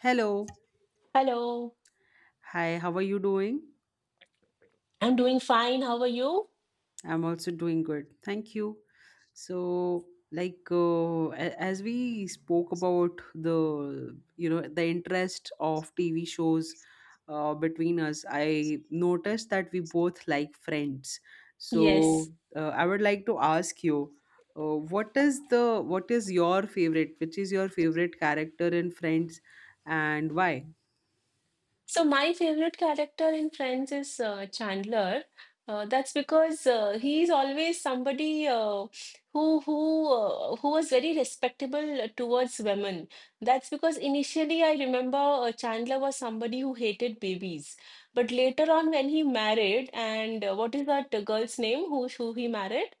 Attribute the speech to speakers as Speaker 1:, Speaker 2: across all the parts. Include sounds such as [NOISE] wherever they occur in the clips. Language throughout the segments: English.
Speaker 1: Hello.
Speaker 2: Hello,
Speaker 1: Hi, how are you doing?
Speaker 2: I'm doing fine. How are you?
Speaker 1: I'm also doing good. Thank you. So, as we spoke about the the interest of TV shows between us, I noticed that we both like Friends. So,
Speaker 2: Yes.
Speaker 1: I would like to ask you uh, what is the what is your favorite? Which is your favorite character in Friends and why?
Speaker 2: So, my favorite character in Friends is Chandler. That's because he's always somebody who was very respectable towards women. That's because initially I remember Chandler was somebody who hated babies, but later on when he married and what is that girl's name who he married?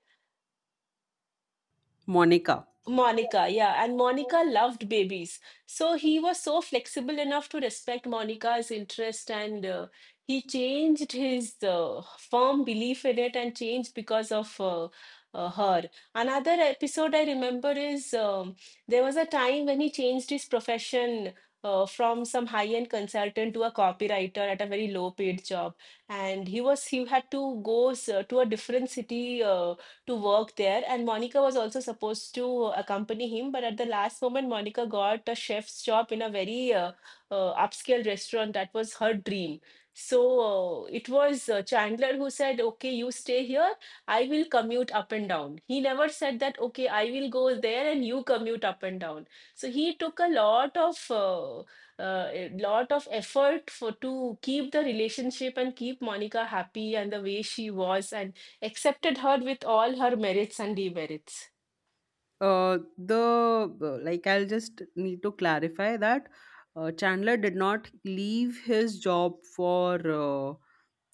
Speaker 1: Monica.
Speaker 2: Monica, yeah, and Monica loved babies. So he was so flexible enough to respect Monica's interest, and he changed his firm belief in it and changed because of her. Another episode I remember is there was a time when he changed his profession from some high-end consultant to a copywriter at a very low-paid job. And he had to go to a different city to work there. And Monica was also supposed to accompany him, but at the last moment, Monica got a chef's job in a very upscale restaurant. That was her dream. So it was Chandler who said, "Okay, you stay here, I will commute up and down." He never said that, "Okay, I will go there and you commute up and down." So he took a lot of effort for to keep the relationship and keep Monica happy and the way she was. And accepted her with all her merits and demerits.
Speaker 1: The like I'll just need to clarify that Chandler did not leave his job for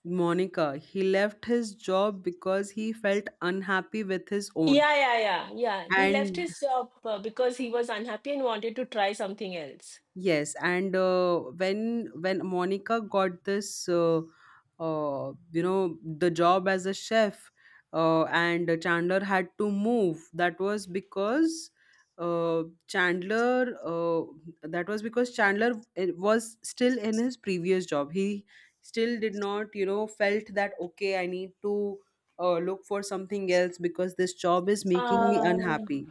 Speaker 1: Monica. He left his job because he felt unhappy with his own.
Speaker 2: Yeah, yeah, yeah, yeah. He left
Speaker 1: And
Speaker 2: his job because he was unhappy and wanted to try something else.
Speaker 1: Yes, and when Monica got this, the job as a chef, and Chandler had to move. That was because Chandler. That was because Chandler was still in his previous job. He still did not, felt that okay, I need to look for something else because this job is making me
Speaker 2: Ah,
Speaker 1: unhappy.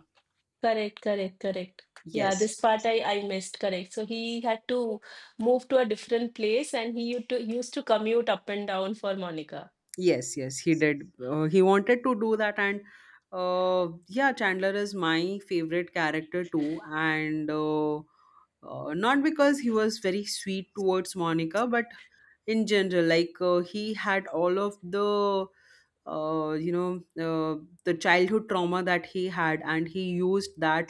Speaker 2: correct, correct, correct. Yeah,
Speaker 1: Yes.
Speaker 2: this part I missed, correct. So he had to move to a different place, and he used to commute up and down for Monica.
Speaker 1: Yes, yes, he did. He wanted to do that, and yeah, Chandler is my favorite character too. And Not because he was very sweet towards Monica, but in general, he had all of the uh, you know uh, the childhood trauma that he had, and he used that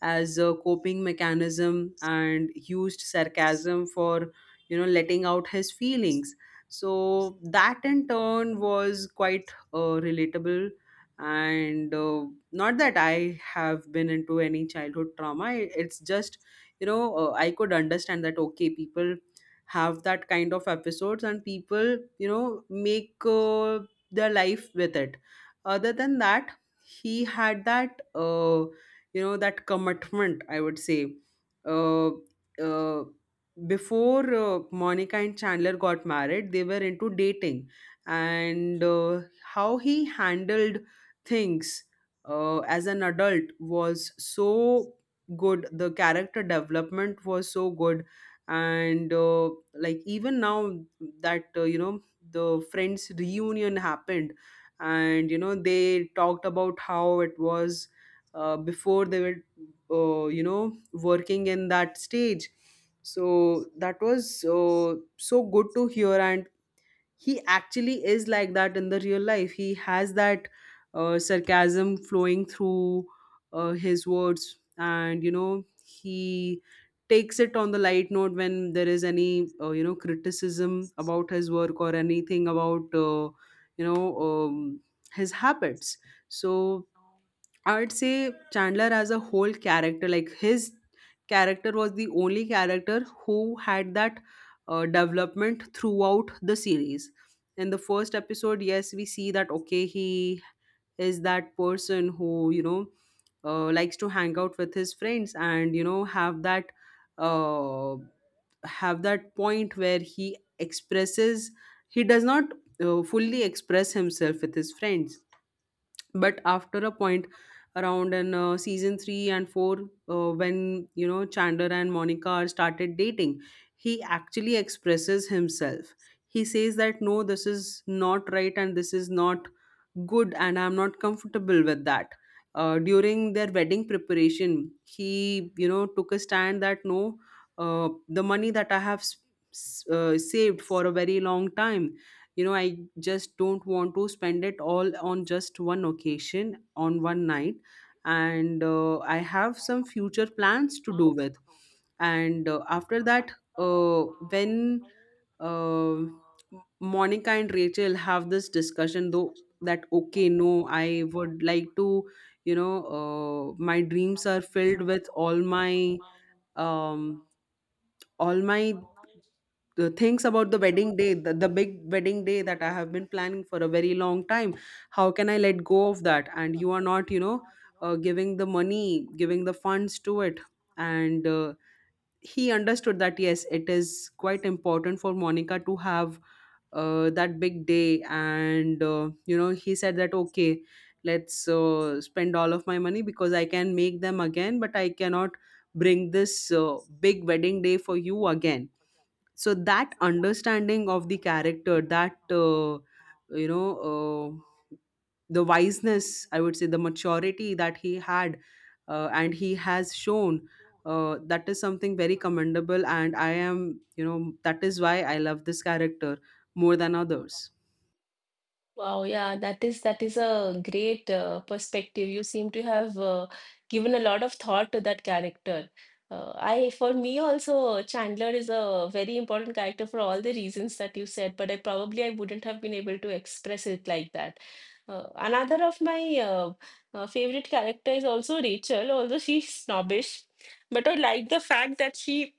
Speaker 1: as a coping mechanism and used sarcasm for letting out his feelings, so that in turn was quite relatable. And Not that I have been into any childhood trauma, it's just I could understand that okay, people have that kind of episodes, and people make their life with it. Other than that, he had that that commitment, I would say. uh, uh, Before Monica and Chandler got married, they were into dating, and how he handled things as an adult was so good. The character development was so good. And Like even now that the Friends reunion happened, and you know they talked about how it was before they were working in that stage. So that was so good to hear, and he actually is like that in the real life. He has that sarcasm flowing through his words, and you know he takes it on the light note when there is any criticism about his work or anything about you know um, his habits. So I would say Chandler as a whole character, like his character was the only character who had that development throughout the series. In the first episode, yes, we see that okay, he is that person who likes to hang out with his friends and uh, have that point where he expresses. He does not fully express himself with his friends, but after a point, around in season 3 and 4, uh, when you know Chandler and Monica are started dating, he actually expresses himself. He says that no, this is not right, and this is not good, and I'm not comfortable with that. During their wedding preparation, he you know took a stand that no, the money that I have saved for a very long time, you know, I just don't want to spend it all on just one occasion, on one night, and I have some future plans to do with. And After that, uh, when Monica and Rachel have this discussion though, that okay no, I would like to my dreams are filled with all my um all my the things about the wedding day, the big wedding day that I have been planning for a very long time. How can I let go of that, and you are not giving the money, giving the funds to it? And He understood that yes, it is quite important for Monica to have that big day. And You know, he said that okay, let's spend all of my money, because I can make them again, but I cannot bring this big wedding day for you again. So that understanding of the character, that you know uh, the wiseness, I would say, the maturity that he had and he has shown, that is something very commendable, and I am, you know, that is why I love this character more than others.
Speaker 2: Wow, yeah, that is a great perspective. You seem to have given a lot of thought to that character. For me also, Chandler is a very important character for all the reasons that you said, but I wouldn't have been able to express it like that. Another of my favorite character is also Rachel, although she's snobbish, but I like the fact that she,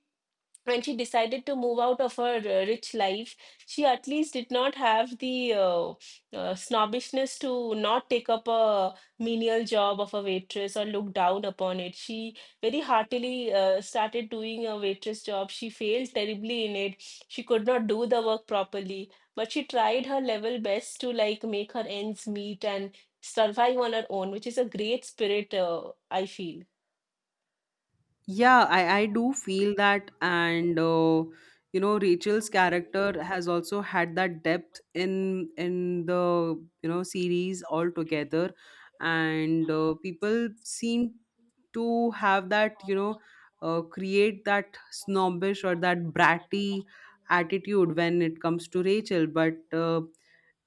Speaker 2: when she decided to move out of her rich life, she at least did not have the snobbishness to not take up a menial job of a waitress or look down upon it. She very heartily started doing a waitress job. She failed terribly in it. She could not do the work properly, but she tried her level best to like make her ends meet and survive on her own, which is a great spirit, I feel.
Speaker 1: Yeah, I do feel that. Rachel's character has also had that depth in series altogether. And People seem to have that, create that snobbish or that bratty attitude when it comes to Rachel. But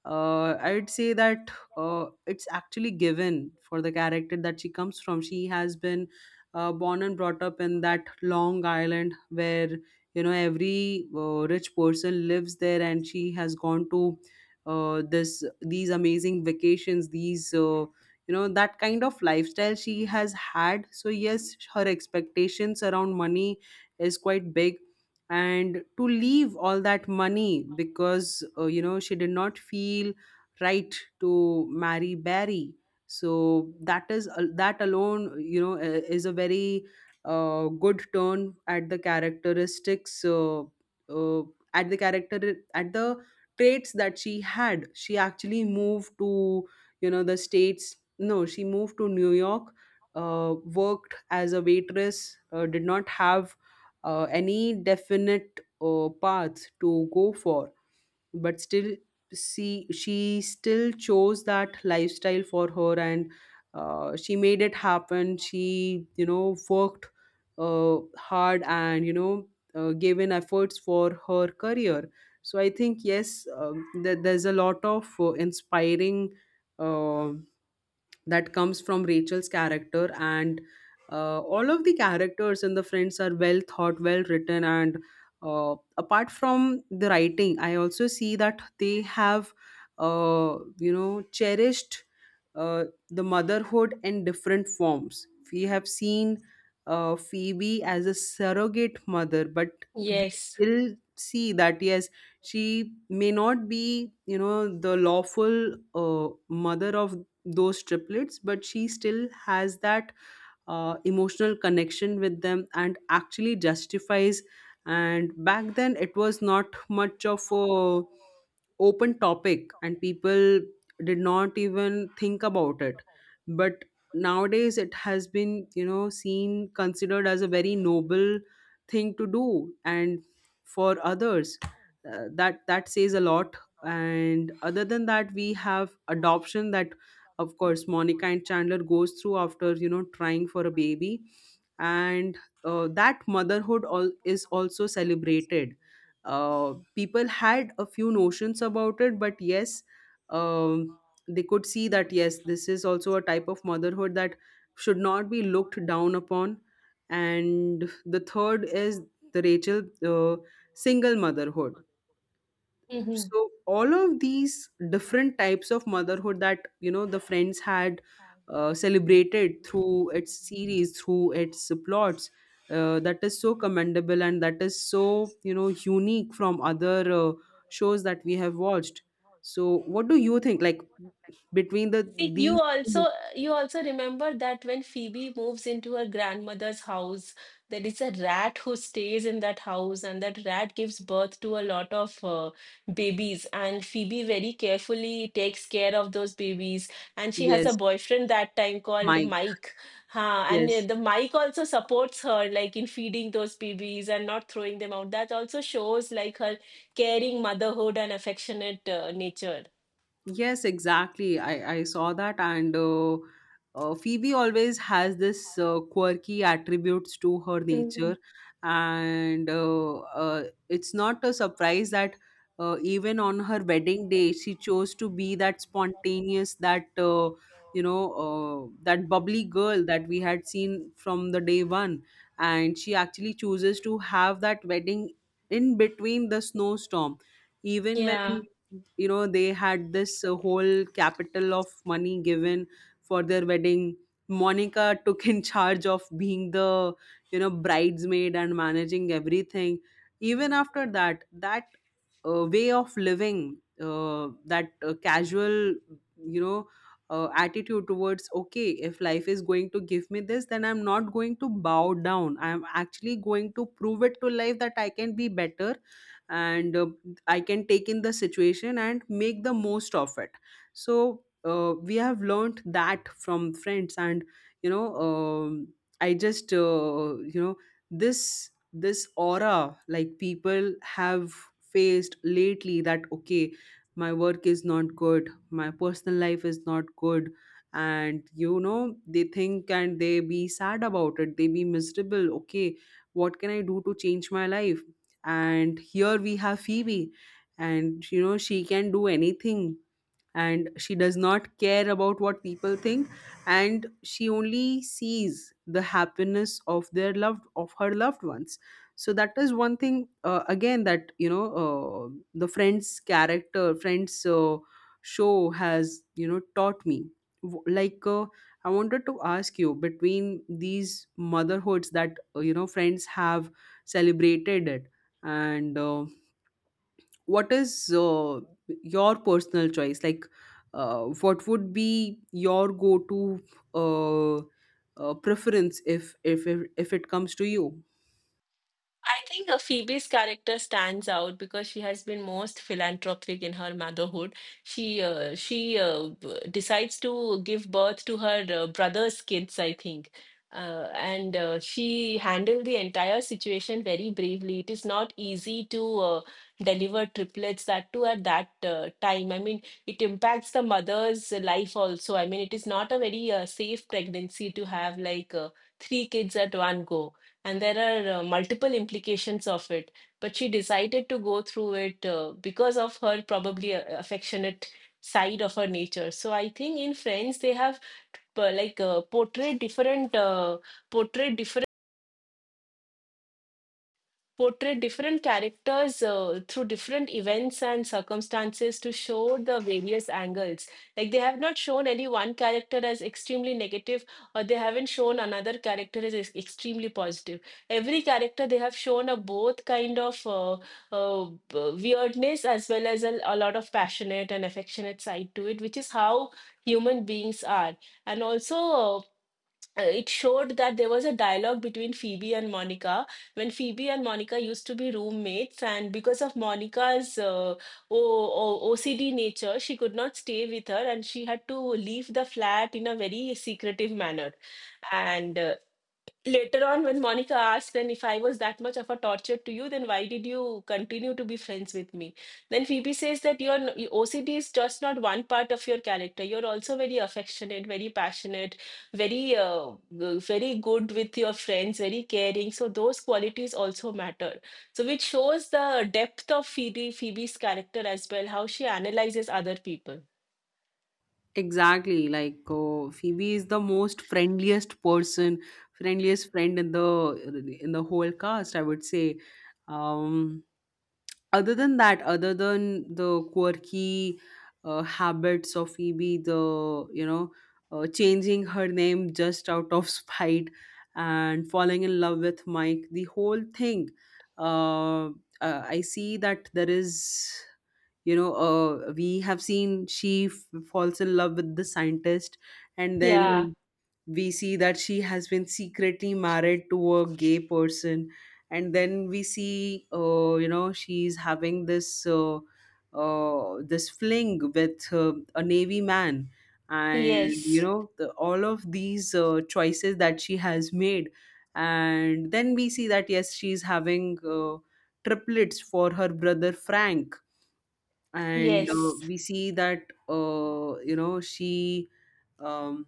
Speaker 1: I would say that it's actually given for the character that she comes from. She has been born and brought up in that Long Island where you know every rich person lives there, and she has gone to this these amazing vacations, these that kind of lifestyle she has had. So yes, her expectations around money is quite big, and to leave all that money because you know she did not feel right to marry Barry. So that is, that alone, you know, is a very good turn at the characteristics, uh, at the character, at the traits that she had. She actually moved to you know the states no she moved to New York, worked as a waitress, did not have any definite path to go for, but still, see, she still chose that lifestyle for her, and she made it happen. She you know worked hard, and gave in efforts for her career. So I think yes, there's a lot of inspiring uh, that comes from Rachel's character. And All of the characters in the Friends are well thought, well written, and uh, apart from the writing, I also see that they have, cherished the motherhood in different forms. We have seen Phoebe as a surrogate mother, but we
Speaker 2: Yes.
Speaker 1: still see that yes, she may not be, you know, the lawful mother of those triplets, but she still has that emotional connection with them and actually justifies. And back then it was not much of a open topic, and people did not even think about it, but nowadays it has been, you know, seen, considered as a very noble thing to do, and for others, that, that says a lot. And other than that, we have adoption that of course Monica and Chandler goes through after you know trying for a baby. And That motherhood all is also celebrated. People had a few notions about it, but yes, um, they could see that yes, this is also a type of motherhood that should not be looked down upon. And the third is the Rachel single motherhood. So all of these different types of motherhood that you know the Friends had celebrated through its series, through its plots, that is so commendable, and that is so, you know, unique from other shows that we have watched. So what do you think, like, between the
Speaker 2: See,
Speaker 1: these
Speaker 2: you
Speaker 1: two-
Speaker 2: also You also remember that when Phoebe moves into her grandmother's house, there is a rat who stays in that house, and that rat gives birth to a lot of babies. And Phoebe very carefully takes care of those babies. And she has a
Speaker 1: yes.
Speaker 2: boyfriend that time called
Speaker 1: Mike.
Speaker 2: Mike. Huh, and
Speaker 1: Yes.
Speaker 2: the Mike also supports her, like in feeding those babies and not throwing them out. That also shows like her caring motherhood and affectionate nature.
Speaker 1: Yes, exactly. I saw that, and Phoebe always has this quirky attributes to her
Speaker 2: Mm.
Speaker 1: nature, and it's not a surprise that even on her wedding day, she chose to be that spontaneous, that that bubbly girl that we had seen from the day one, and she actually chooses to have that wedding in between the snowstorm, even when
Speaker 2: Yeah.
Speaker 1: you know they had this whole capital of money given for their wedding. Monica [LAUGHS] took in charge of being the, you know, bridesmaid and managing everything. Even after that, that way of living, that casual, you know, attitude towards okay, if life is going to give me this, then I'm not going to bow down. I'm actually going to prove it to life that I can be better, and I can take in the situation and make the most of it. So we have learned that from Friends. And you know, I just this, this aura, like people have faced lately that okay, my work is not good, my personal life is not good, and you know they think, and they be sad about it, they be miserable, okay, what can I do to change my life? And here we have Phoebe, and you know, she can do anything, and she does not care about what people think, and she only sees the happiness of their loved, of her loved ones. So that is one thing Again, that you know the friends character friends show has taught me. W- like uh, I wanted to ask you between these motherhoods that friends have celebrated it and what is your personal choice, like what would be your go to uh, preference if it comes to you?
Speaker 2: I think Phoebe's character stands out because she has been most philanthropic in her motherhood. Decides to give birth to her brother's kids, I think. And She handled the entire situation very bravely. It is not easy to deliver triplets, that too at that time. I mean, it impacts the mother's life also. I mean, it is not a very safe pregnancy to have, like three kids at one go, and there are multiple implications of it. But she decided to go through it because of her probably affectionate side of her nature. So I think in Friends they have portrayed different portrayed different portray different characters through different events and circumstances to show the various angles. Like they have not shown any one character as extremely negative, or they haven't shown another character as extremely positive. Every character they have shown a both kind of uh, weirdness as well as a lot of passionate and affectionate side to it, which is how human beings are. And also uh, it showed that there was a dialogue between Phoebe and Monica when Phoebe and Monica used to be roommates, and because of Monica's OCD nature, she could not stay with her and she had to leave the flat in a very secretive manner. And later on, when Monica asked, "Then if I was that much of a torture to you, then why did you continue to be friends with me?" Then Phoebe says that your OCD is just not one part of your character. You're also very affectionate, very passionate, very uh, very good with your friends, very caring. So those qualities also matter. So which shows the depth of Phoebe's character as well, how she analyzes other people.
Speaker 1: Exactly, like Phoebe is the most friendliest person, friendliest friend in the whole cast, I would say. um Other than that, other than the quirky habits of Phoebe, changing her name just out of [LAUGHS] spite, and falling in love with Mike, the whole thing, uh, I see that there is, you know, we have seen she falls in love with the scientist, and
Speaker 2: Yeah.
Speaker 1: then we see that she has been secretly married to a gay person, and then we see she's having this fling with a navy man, and
Speaker 2: Yes.
Speaker 1: all of these choices that she has made. And then we see that yes, she's having triplets for her brother Frank. And
Speaker 2: Yes.
Speaker 1: we see that she, um,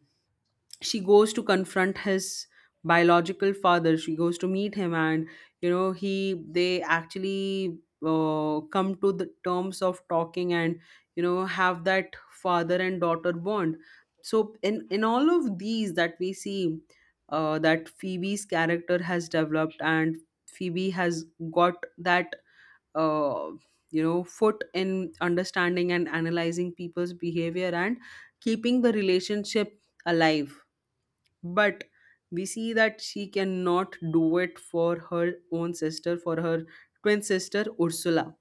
Speaker 1: she goes to confront his biological father, she goes to meet him, and you know he they actually come to the terms of talking, and have that father and daughter bond. So in all of these that we see, that Phoebe's character has developed, and Phoebe has got that uh, foot in understanding and analyzing people's behavior and keeping the relationship alive. But we see that she cannot do it for her own sister, for her twin sister Ursula.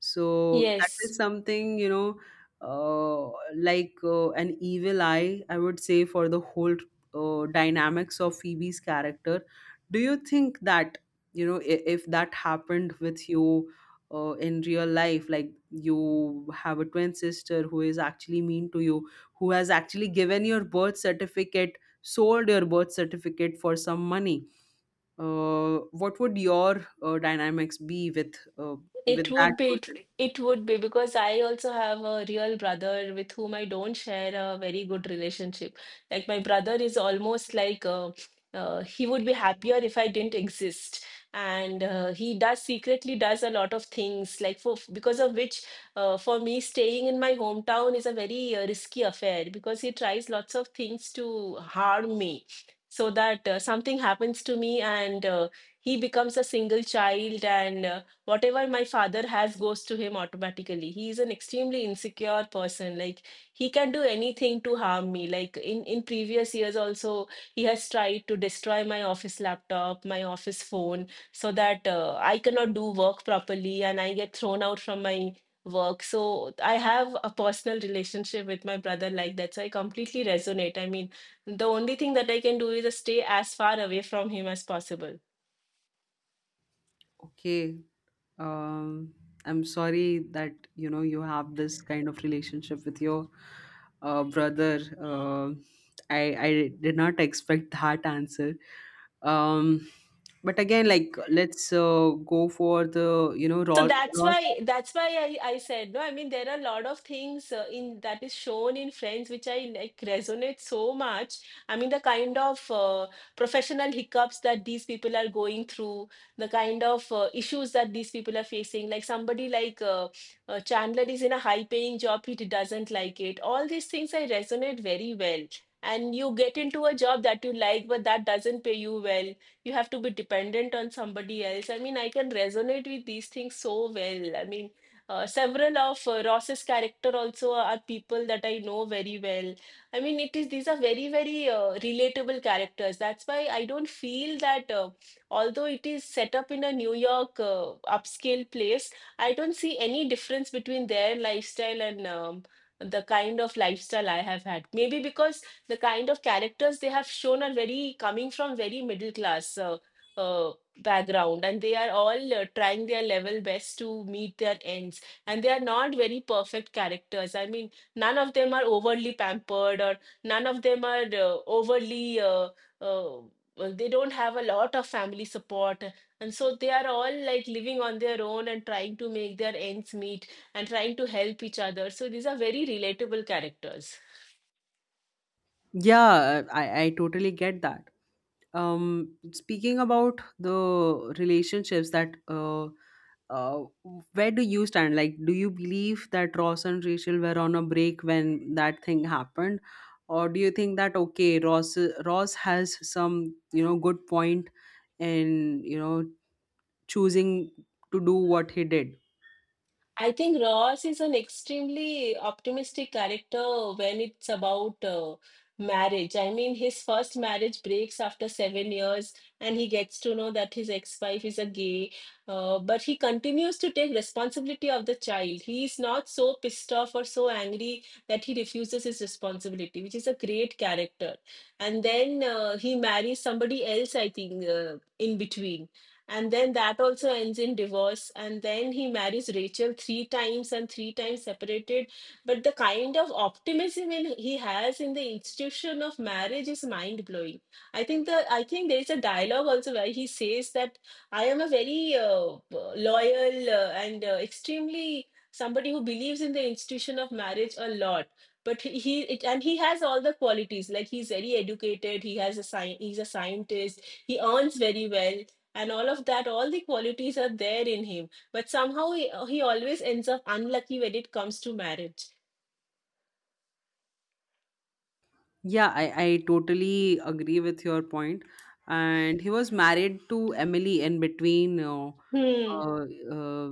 Speaker 1: So that is
Speaker 2: Yes.
Speaker 1: something, you know, an evil eye, I would say, for the whole dynamics of Phoebe's character. Do you think that, you know, if that happened with you in real life, like you have a twin sister who is actually mean to you, who has actually given your birth certificate, sold your birth certificate for some money, what would your dynamics be with
Speaker 2: It
Speaker 1: that
Speaker 2: would be, it,
Speaker 1: person?
Speaker 2: it would be, because I also have a real brother with whom I don't share a very good relationship. Like my brother is almost like he would be happier if I didn't exist. And he does secretly does a lot of things, like for because of which for me staying in my hometown is a very risky affair, because he tries lots of things to harm me, so that something happens to me, and he becomes a single child, and whatever my father has goes to him automatically. He is an extremely insecure person. Like, he can do anything to harm me. Like in previous years also, he has tried to destroy my office laptop, my office phone, so that I cannot do work properly and I get thrown out from my work. So I have a personal relationship with my brother like that, so I completely resonate. I mean, the only thing that I can do is just stay as far away from him as possible.
Speaker 1: Okay. Um, I'm sorry that you have this kind of relationship with your brother. I I did not expect that answer. Um, but again, like, let's go for the
Speaker 2: So
Speaker 1: raw,
Speaker 2: that's
Speaker 1: raw.
Speaker 2: why, that's why I said, no, I mean, there are a lot of things in that is shown in Friends which I like resonate so much. I mean the kind of professional hiccups that these people are going through, the kind of issues that these people are facing, like somebody like Chandler is in a high paying job, he doesn't like it, all these things I resonate very well. And you get into a job that you like but that doesn't pay you well, you have to be dependent on somebody else. I mean, I can resonate with these things so well. I mean, several of Ross's character also are people that I know very well. I mean, it is these are very very relatable characters. That's why I don't feel that although it is set up in a New York upscale place, I don't see any difference between their lifestyle and the kind of lifestyle I have had. Maybe because the kind of characters they have shown are very coming from very middle class uh, background, and they are all trying their level best to meet their ends, and they are not very perfect characters. I mean, none of them are overly pampered, or none of them are overly uh, well, they don't have a lot of family support, and so they are all like living on their own and trying to make their ends meet and trying to help each other. So these are very relatable characters.
Speaker 1: Yeah, I totally get that. Speaking about the relationships that uh where do you stand? Like, do you believe that Ross and Rachel were on a break when that thing happened, or do you think that okay, Ross has some good point in choosing to do what he did?
Speaker 2: I think Ross is an extremely optimistic character when it's about marriage. I mean, his first marriage breaks after seven years, and he gets to know that his ex-wife is a gay. But he continues to take responsibility of the child. He is not so pissed off or so angry that he refuses his responsibility, which is a great character. And then he marries somebody else, I think, in between, and then that also ends in divorce. And then he marries Rachel three times and three times separated. But the kind of optimism he has in the institution of marriage is mind blowing. I think there is a dialogue also where he says that I am a very loyal and extremely somebody who believes in the institution of marriage a lot. But and he has all the qualities. Like he's very educated, he has a he's a scientist, he earns very well, and all of that, all the qualities are there in him, but somehow he always ends up unlucky when it comes to marriage.
Speaker 1: Yeah, I totally agree with your point. And he was married to Emily in between
Speaker 2: Hmm.
Speaker 1: uh, uh,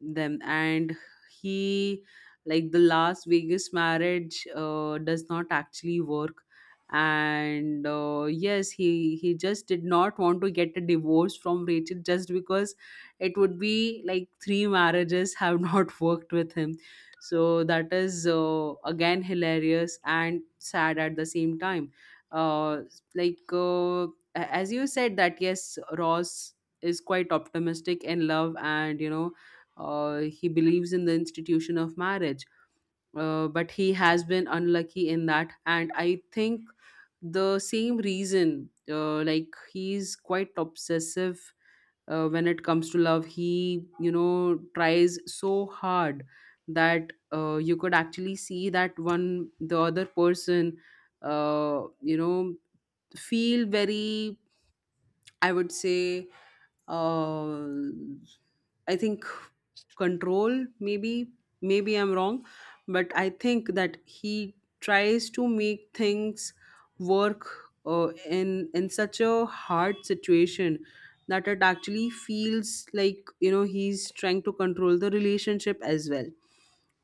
Speaker 1: them. And he, like, the Las Vegas marriage, does not actually work. And yes, he just did not want to get a divorce from Rachel, just because it would be like three marriages have [LAUGHS] not worked with him. So that is again hilarious and sad at the same time. Uh, as you said that yes, Ross is quite optimistic in love, and he believes in the institution of marriage. But he has been unlucky in that, and I think the same reason. Like, he's quite obsessive when it comes to love. He tries so hard that you could actually see that one, the other person uh, you know feel very, I would say, uh, I think control. Maybe, maybe I'm wrong, but I think that he tries to make things work uh, in such a hard situation that it actually feels like he's trying to control the relationship as well.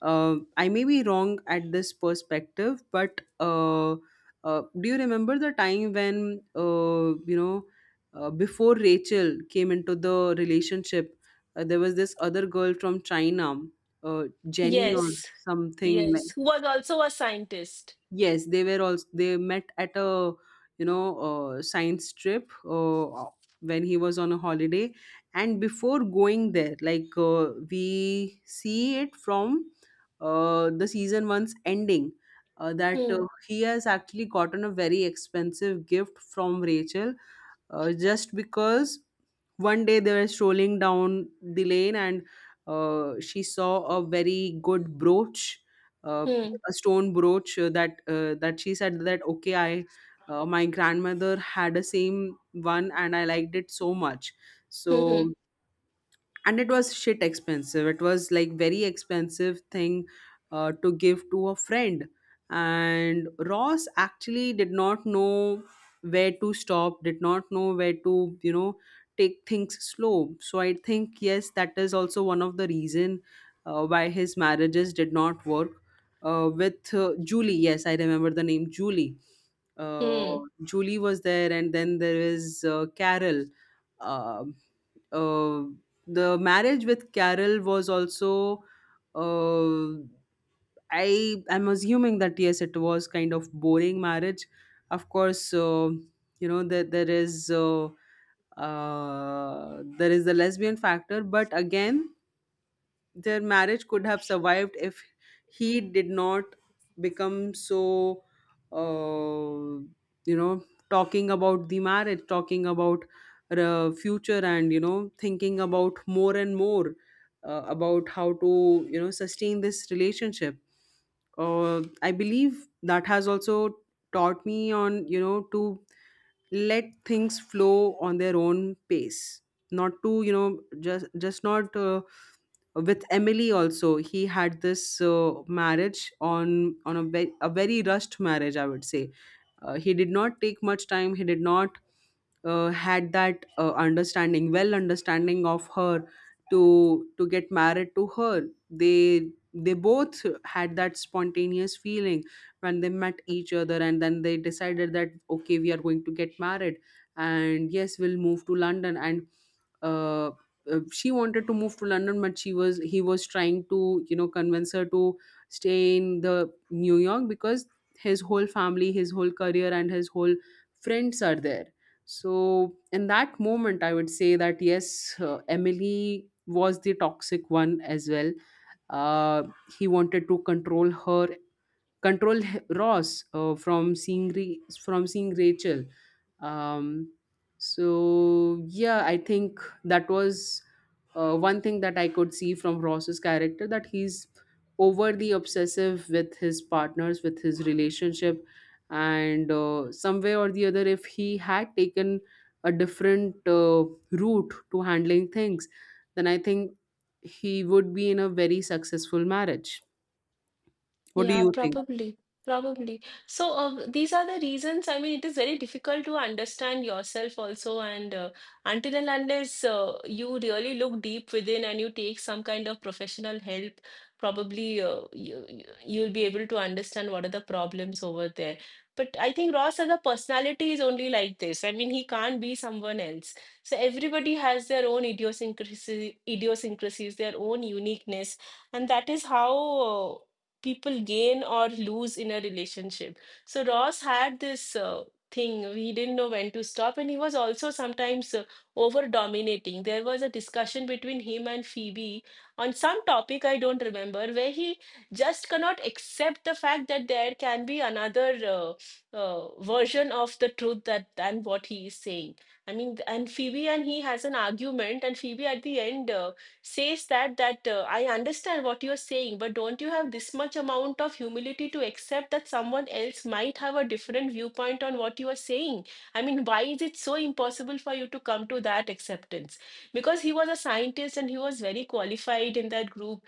Speaker 1: I may be wrong at this perspective, but do you remember the time when before Rachel came into the relationship, there was this other girl from China, uh, Jenny or
Speaker 2: Yes.
Speaker 1: something,
Speaker 2: Yes,
Speaker 1: like—
Speaker 2: who was also a scientist.
Speaker 1: Yes, they were also, they met at a, you know science trip uh, when he was on a holiday. And before going there, like, we see it from the season one's ending. That
Speaker 2: Hmm.
Speaker 1: he has actually gotten a very expensive gift from Rachel, just because one day they were strolling down the lane, and she saw a very good brooch, uh,
Speaker 2: Hmm.
Speaker 1: a stone brooch, that that she said that okay, I my grandmother had a same one and I liked it so much.
Speaker 2: Hmm. Hmm.
Speaker 1: So, and it was shit expensive, it was like very expensive thing to give to a friend. And Ross actually did not know where to stop, did not know where to, you know take things slow. So I think yes, that is also one of the reason why his marriages did not work. With Julie, yes, I remember the name Julie. uh,
Speaker 2: Hmm.
Speaker 1: Julie was there, and then there is Carol. Um uh, the marriage with Carol was also uh, I am assuming that yes, it was kind of boring marriage. Of course, that there is there is the lesbian factor. But again, their marriage could have survived if he did not become so uh, you know talking about the marriage, talking about the future, and thinking about more and more about how to sustain this relationship. I believe that has also taught me on, to let things flow on their own pace, not to you know just not with Emily also. He had this marriage on a very rushed marriage, I would say. He did not take much time, he did not had that understanding, well, understanding of her to get married to her. They both had that spontaneous feeling when they met each other, and then they decided that okay, we are going to get married, and yes, we'll move to London. And uh, she wanted to move to London, but she was, he was trying to convince her to stay in the New York because his whole family, his whole career, and his whole friends are there. So in that moment I would say that yes, Emily was the toxic one as well. uh, he wanted to control her, control Ross from seeing from seeing Rachel. Um, so yeah, I think that was one thing that I could see from Ross's character, that he's overly obsessive with his partners, with his relationship. And some way or the other, if he had taken a different route to handling things, then I think he would be in a very successful marriage. What do
Speaker 2: Yeah,
Speaker 1: you think?
Speaker 2: probably. Probably. So, these are the reasons. I mean, it is very difficult to understand yourself also. And until and unless you really look deep within and you take some kind of professional help, probably you'll be able to understand what are the problems over there. But I think Ross as a personality is only like this. I mean, he can't be someone else. So, everybody has their own idiosyncrasies, their own uniqueness. And that is how people gain or lose in a relationship. So Ross had this thing, he didn't know when to stop, and he was also sometimes over dominating. There was a discussion between him and Phoebe on some topic I don't remember, where he just cannot accept the fact that there can be another version of the truth that than what he is saying. I mean, and Phoebe and he has an argument, and Phoebe at the end says that I understand what you're saying, but don't you have this much amount of humility to accept that someone else might have a different viewpoint on what you are saying? I mean, why is it so impossible for you to come to that acceptance? Because he was a scientist and he was very qualified in that group.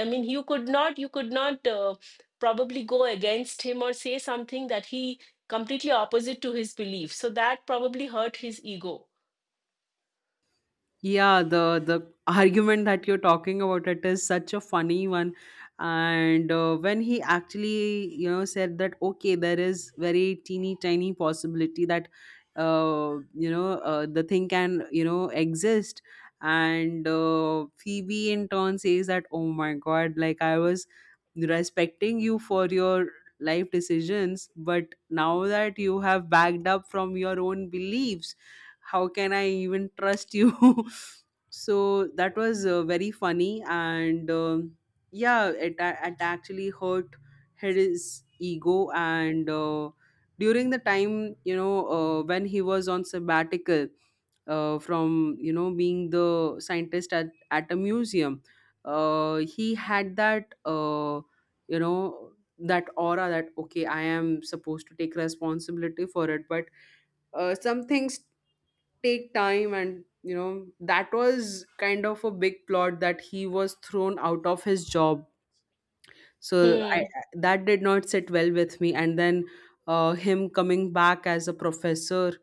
Speaker 2: I mean, you could not probably go against him or say something that he completely opposite to his belief. So that probably hurt his ego.
Speaker 1: Yeah, the argument that you're talking about, it is such a funny one. And when he actually said that okay, there is very teeny tiny possibility that the thing can exist, and Phoebe in turn says that oh my god, like I was respecting you for your life decisions, but now that you have backed up from your own beliefs, how can I even trust you? [LAUGHS] So that was very funny. And yeah, it, it actually hurt, hit his ego. And during the time, when he was on sabbatical from being the scientist at a museum, he had that you know that aura that okay, I am supposed to take responsibility for it, but some things take time. And that was kind of a big plot that he was thrown out of his job. So I,
Speaker 2: Hmm.
Speaker 1: that did not sit well with me. And then him coming back as a professor,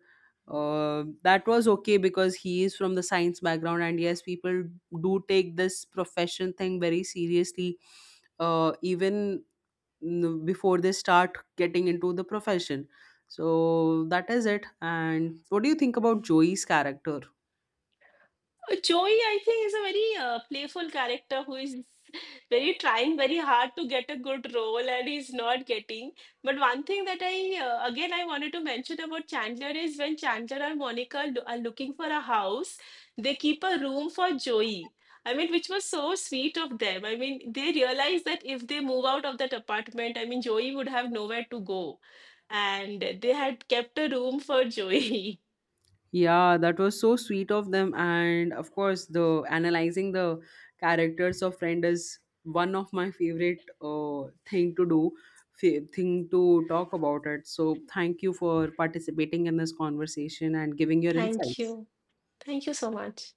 Speaker 1: that was okay because he is from the science background, and yes, people do take this profession thing very seriously, even before they start getting into the profession. So that is it. And what do you think about Joey's character?
Speaker 2: Joey, I think, is a very playful character who is very trying very hard to get a good role and he's not getting. But one thing that again, I wanted to mention about Chandler is when Chandler and Monica are looking for a house, they keep a room for Joey. I mean, which was so sweet of them. I mean, they realized that if they move out of that apartment, I mean, Joey would have nowhere to go. And they had kept a room for Joey.
Speaker 1: Yeah, that was so sweet of them. And of course, the analyzing the characters of friend is one of my favorite thing to do, thing to talk about it. So thank you for participating in this conversation and giving
Speaker 2: [LAUGHS]
Speaker 1: your
Speaker 2: Thank
Speaker 1: insights.
Speaker 2: you. Thank you so much.